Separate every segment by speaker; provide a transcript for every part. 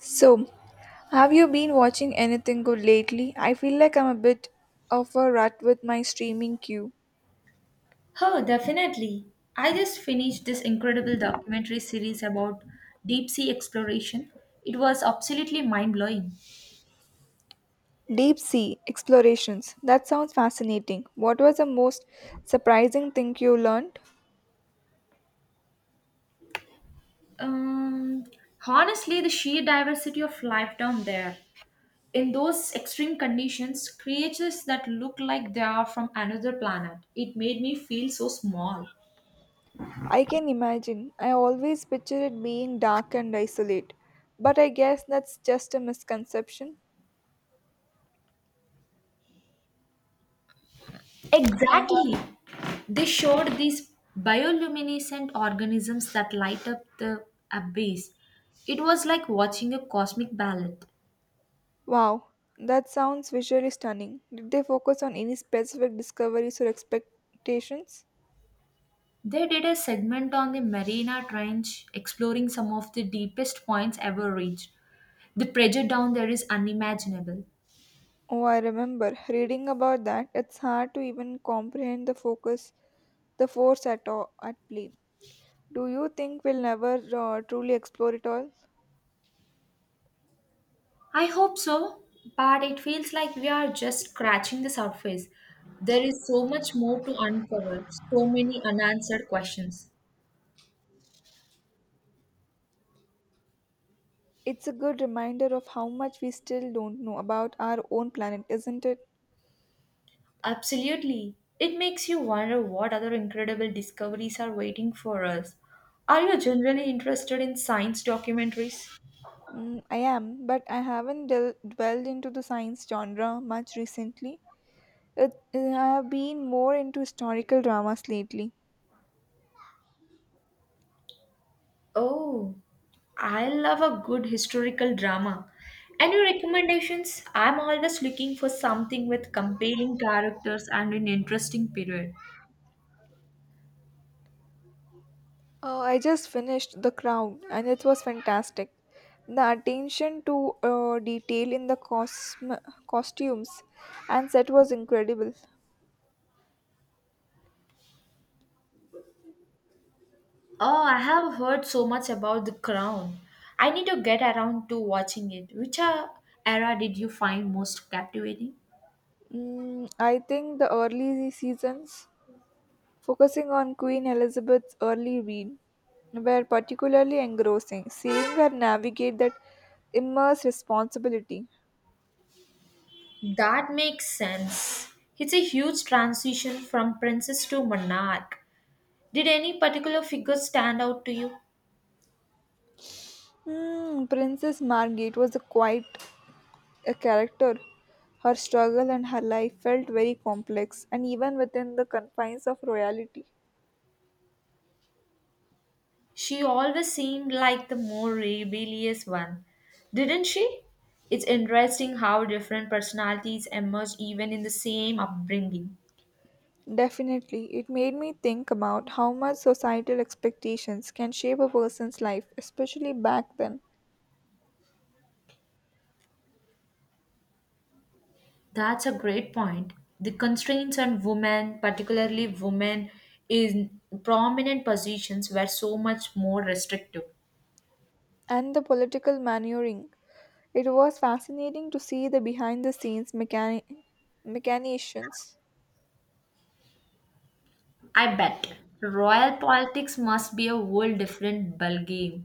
Speaker 1: So, have you been watching anything good lately? I feel like I'm a bit of a rut with my streaming queue.
Speaker 2: Oh, definitely. I just finished this incredible documentary series about deep sea exploration. It was absolutely mind blowing.
Speaker 1: Deep sea explorations. That sounds fascinating. What was the most surprising thing you learned?
Speaker 2: Um, Honestly, the sheer diversity of life down there. In those extreme conditions, creatures that look like they are from another planet. It made me feel so small.
Speaker 1: I can imagine. I always picture it being dark and isolate. But I guess that's just a misconception. Exactly.
Speaker 2: Exactly. They showed these bioluminescent organisms that light up the abyss. It was like watching a cosmic ballet.
Speaker 1: Wow, that sounds visually stunning. Did they focus on any specific discoveries or expectations?
Speaker 2: They did a segment on the Mariana Trench, exploring some of the deepest points ever reached. The pressure down there is unimaginable.
Speaker 1: Oh, I remember reading about that. It's hard to even comprehend the focus, the force at all, at play. Do you think we'll never truly explore it all?
Speaker 2: I hope so, but it feels like we are just scratching the surface. There is so much more to uncover, so many unanswered questions.
Speaker 1: It's a good reminder of how much we still don't know about our own planet, isn't it?
Speaker 2: Absolutely. It makes you wonder what other incredible discoveries are waiting for us. Are you generally interested in science documentaries?
Speaker 1: Mm, I am, but I haven't dwelled into the science genre much recently. It, I have been more into historical dramas lately.
Speaker 2: Oh, I love a good historical drama. Any recommendations? I'm always looking for something with compelling characters and an interesting period.
Speaker 1: I just finished The Crown and it was fantastic. The attention to detail in the costumes and set was incredible.
Speaker 2: Oh, I have heard so much about The Crown. I need to get around to watching it. Which era did you find most captivating?
Speaker 1: Mm, I think the early seasons, focusing on Queen Elizabeth's early reign, were particularly engrossing. Seeing her navigate that immense responsibility.
Speaker 2: That makes sense. It's a huge transition from princess to monarch. Did any particular figure stand out to you?
Speaker 1: Hmm, Princess Margit was a quite a character. Her struggle and her life felt very complex, and even within the confines of royalty.
Speaker 2: She always seemed like the more rebellious one, didn't she? It's interesting how different personalities emerge even in the same upbringing.
Speaker 1: Definitely, it made me think about how much societal expectations can shape a person's life, especially back then,
Speaker 2: That's a great point. The constraints on women, particularly women in prominent positions, were so much more restrictive.
Speaker 1: and the political maneuvering. It was fascinating to see the behind the scenes machinations.
Speaker 2: I bet royal politics must be a whole different ballgame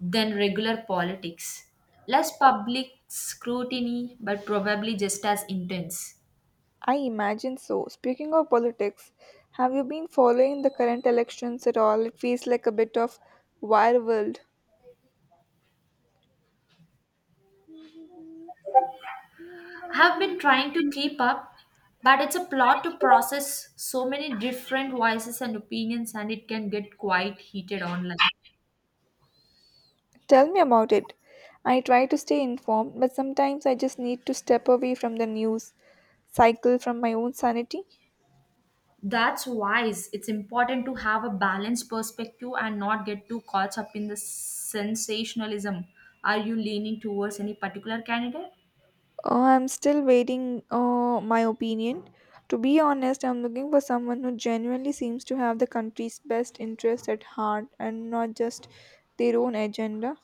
Speaker 2: than regular politics. Less public scrutiny, but probably just as intense.
Speaker 1: I imagine so. Speaking of politics, have you been following the current elections at all? It feels like a bit of wire world.
Speaker 2: Have been trying to keep up, but it's a plot to process so many different voices and opinions, and it can get quite heated online.
Speaker 1: Tell me about it. I try to stay informed, but sometimes I just need to step away from the news cycle from my own sanity.
Speaker 2: That's wise. It's important to have a balanced perspective and not get too caught up in the sensationalism. Are you leaning towards any particular candidate?
Speaker 1: Oh, I'm still waiting my opinion. To be honest, I'm looking for someone who genuinely seems to have the country's best interest at heart and not just their own agenda.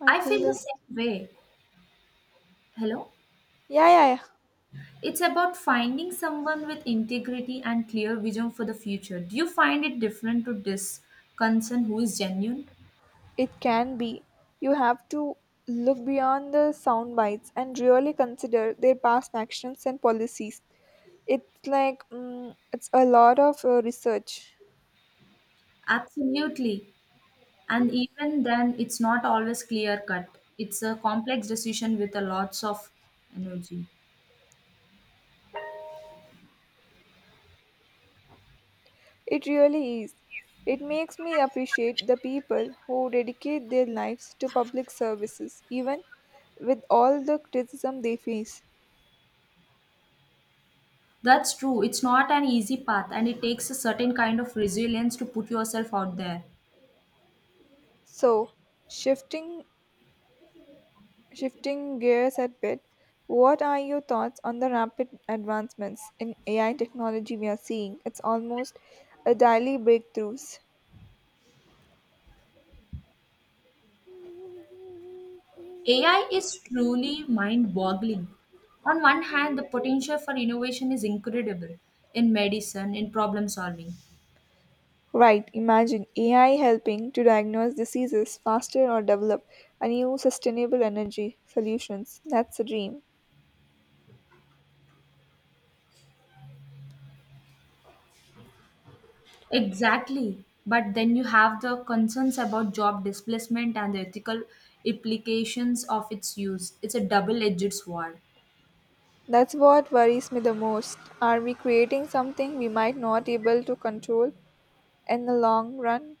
Speaker 1: I
Speaker 2: I feel
Speaker 1: feel
Speaker 2: the
Speaker 1: this.
Speaker 2: same way. Hello?
Speaker 1: Yeah, yeah, yeah.
Speaker 2: It's about finding someone with integrity and clear vision for the future. Do you find it different to this concern who is genuine?
Speaker 1: It can be. You have to look beyond the sound bites and really consider their past actions and policies. It's like it's a lot of research.
Speaker 2: Absolutely. And even then, it's not always clear cut. It's a complex decision with a lots of energy.
Speaker 1: It really is. It makes me appreciate the people who dedicate their lives to public services, even with all the criticism they face.
Speaker 2: That's true. It's not an easy path, and it takes a certain kind of resilience to put yourself out there.
Speaker 1: So, shifting Shifting gears a bit, what are your thoughts on the rapid advancements in AI technology we are seeing? It's almost a daily breakthroughs.
Speaker 2: AI is truly mind boggling. On one hand, the potential for innovation is incredible in medicine, in problem solving.
Speaker 1: Right, imagine AI helping to diagnose diseases faster or develop a new sustainable energy solutions. That's a dream.
Speaker 2: Exactly. But then you have the concerns about job displacement and the ethical implications of its use. It's a double edged sword.
Speaker 1: That's what worries me the most. Are we creating something we might not able to control in the long run?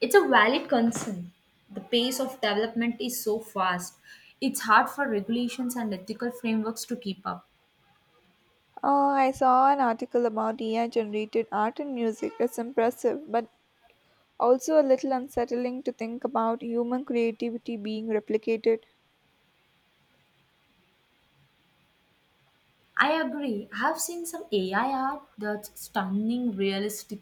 Speaker 2: It's a valid concern. The pace of development is so fast, it's hard for regulations and ethical frameworks to keep up.
Speaker 1: I saw an article about AI generated art and music. It's impressive, but also a little unsettling to think about human creativity being replicated.
Speaker 2: I agree. I have seen some AI art that's stunning, realistic,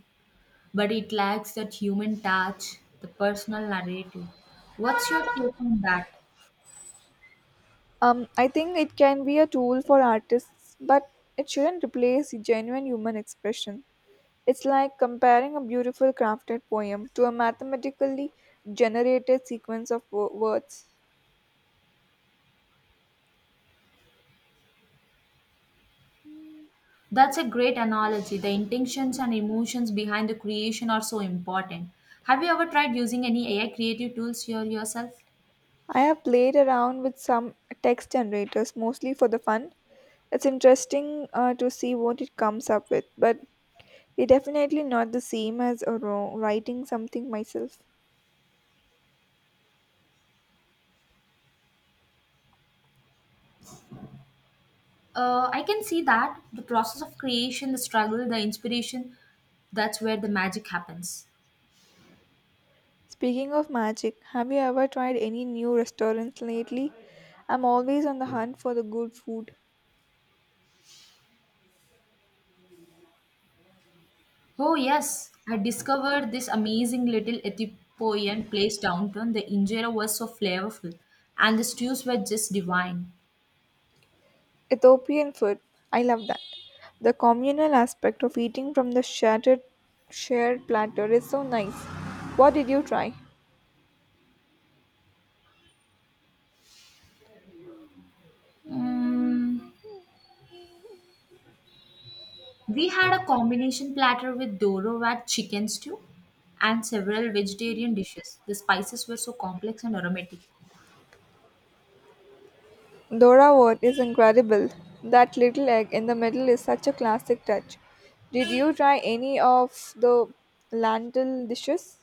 Speaker 2: but it lacks that human touch, the personal narrative. What's your take on that?
Speaker 1: I think it can be a tool for artists, but it shouldn't replace genuine human expression. It's like comparing a beautiful crafted poem to a mathematically generated sequence of words.
Speaker 2: That's a great analogy. The intentions and emotions behind the creation are so important. Have you ever tried using any AI creative tools here yourself?
Speaker 1: I have played around with some text generators mostly for the fun. It's interesting to see what it comes up with, but it's definitely not the same as writing something myself.
Speaker 2: I can see that the process of creation, the struggle, the inspiration, that's where the magic happens.
Speaker 1: Speaking of magic, have you ever tried any new restaurants lately? I'm always on the hunt for the good food.
Speaker 2: Oh, yes, I discovered this amazing little Ethiopian place downtown. The injera was so flavorful, and the stews were just divine.
Speaker 1: Ethiopian food, I love that. The communal aspect of eating from the shattered shared platter is so nice. What did you try?
Speaker 2: Mm, we had a combination platter with dorovat chicken stew and several vegetarian dishes. The spices were so complex and aromatic.
Speaker 1: Dora wort is incredible. That little egg in the middle is such a classic touch. Did you try any of the lentil dishes?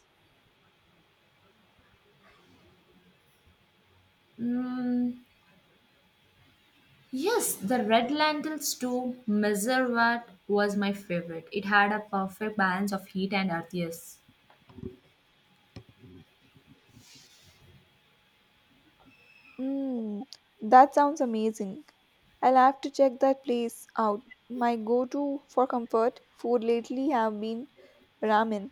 Speaker 2: Mm, yes, the red lentil stew Mezzerwat was my favorite. It had a perfect balance of heat and earthiness.
Speaker 1: Mm, that sounds amazing. I'll have to check that place out. My go-to for comfort food lately have been ramen.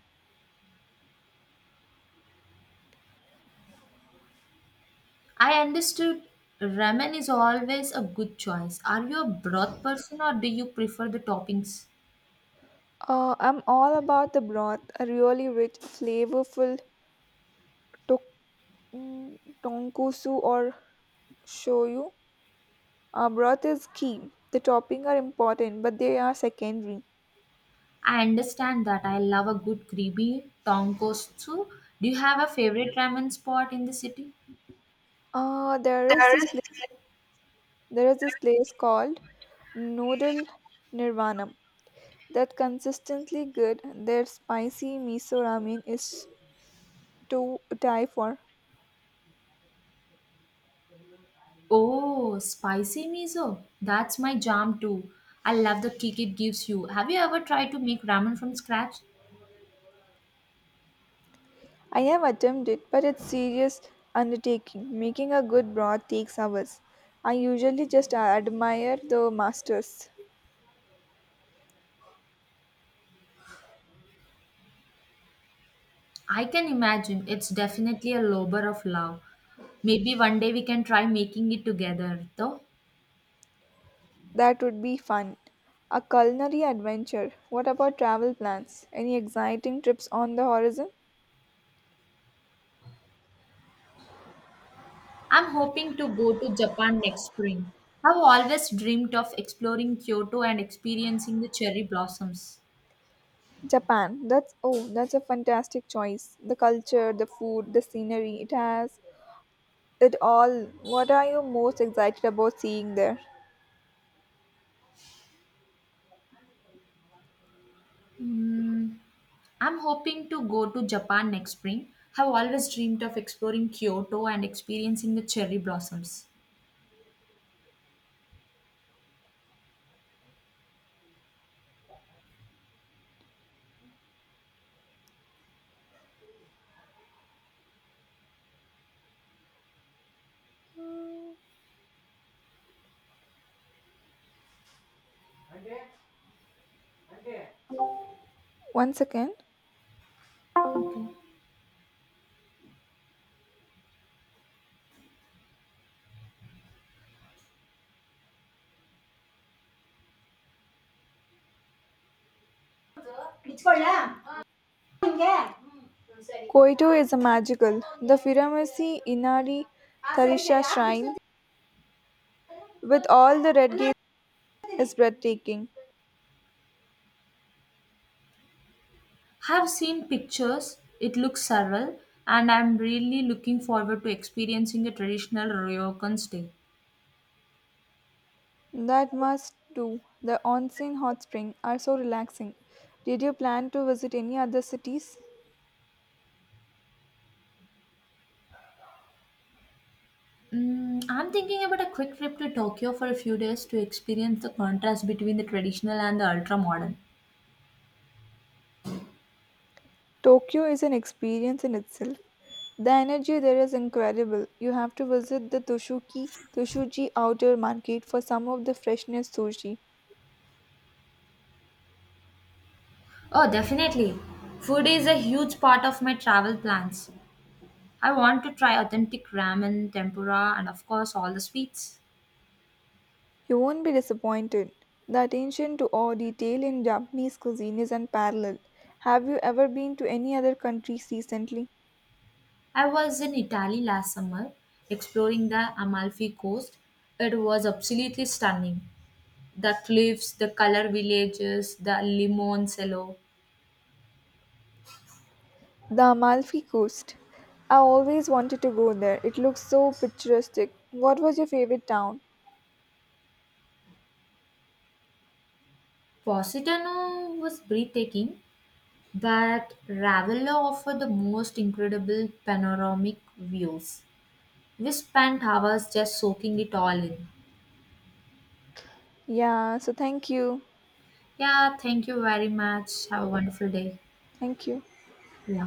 Speaker 2: I understood ramen is always a good choice. Are you a broth person or do you prefer the toppings?
Speaker 1: I'm all about the broth, a really rich, flavorful to- tonkatsu or shoyu. Broth is key. The topping are important, but they are secondary.
Speaker 2: I understand that I love a good creamy tonkotsu. Do you have a favorite ramen spot in the city?
Speaker 1: Uh, there is
Speaker 2: There
Speaker 1: this
Speaker 2: is.
Speaker 1: place, there is this place called Noodle Nirvana. That consistently good, their spicy miso ramen is to die for.
Speaker 2: Oh, spicy miso. That's my jam too. I love the kick it gives you. Have you ever tried to make ramen from scratch?
Speaker 1: I have attempted, but it's serious undertaking. Making a good broth takes hours. I usually just admire the masters.
Speaker 2: I can imagine it's definitely a labor of love. Maybe one day we can try making it together, though.
Speaker 1: That would be fun. A culinary adventure. What about travel plans? Any exciting trips on the horizon?
Speaker 2: I'm hoping to go to Japan next spring. I've always dreamed of exploring Kyoto and experiencing the cherry blossoms.
Speaker 1: Japan. That's that's a fantastic choice. The culture, the food, the scenery. It has it all. What are you most excited about seeing there?
Speaker 2: Hmm. I'm hoping to go to Japan next spring. Have always dreamed of exploring Kyoto and experiencing the cherry blossoms.
Speaker 1: Mm, one second. Koito is a magical. The Firamasi Inari Tarisha shrine with all the red gates is breathtaking.
Speaker 2: Have seen pictures, it looks surreal, and I'm really looking forward to experiencing a traditional Ryokan stay.
Speaker 1: That must do. The onsen hot spring are so relaxing. Did you plan to visit any other cities?
Speaker 2: Mm, I'm thinking about a quick trip to Tokyo for a few days to experience the contrast between the traditional and the ultra modern.
Speaker 1: Tokyo is an experience in itself. The energy there is incredible. You have to visit the Toshuki Toshuji outer market for some of the freshest sushi.
Speaker 2: Oh, definitely. Food is a huge part of my travel plans. I want to try authentic ramen, tempura, and of course, all the sweets.
Speaker 1: You won't be disappointed. The attention to all detail in Japanese cuisine is unparalleled. Have you ever been to any other countries recently?
Speaker 2: I was in Italy last summer exploring the Amalfi Coast. It was absolutely stunning. The cliffs, the color villages, the Limoncello.
Speaker 1: The Amalfi Coast. I always wanted to go there. It looks so picturesque. What was your favorite town?
Speaker 2: Positano was breathtaking, but Ravella offered the most incredible panoramic views. We spent hours just soaking it all in.
Speaker 1: Yeah, so thank you.
Speaker 2: Yeah, thank you very much. Have a wonderful day.
Speaker 1: Thank you.
Speaker 2: Yeah.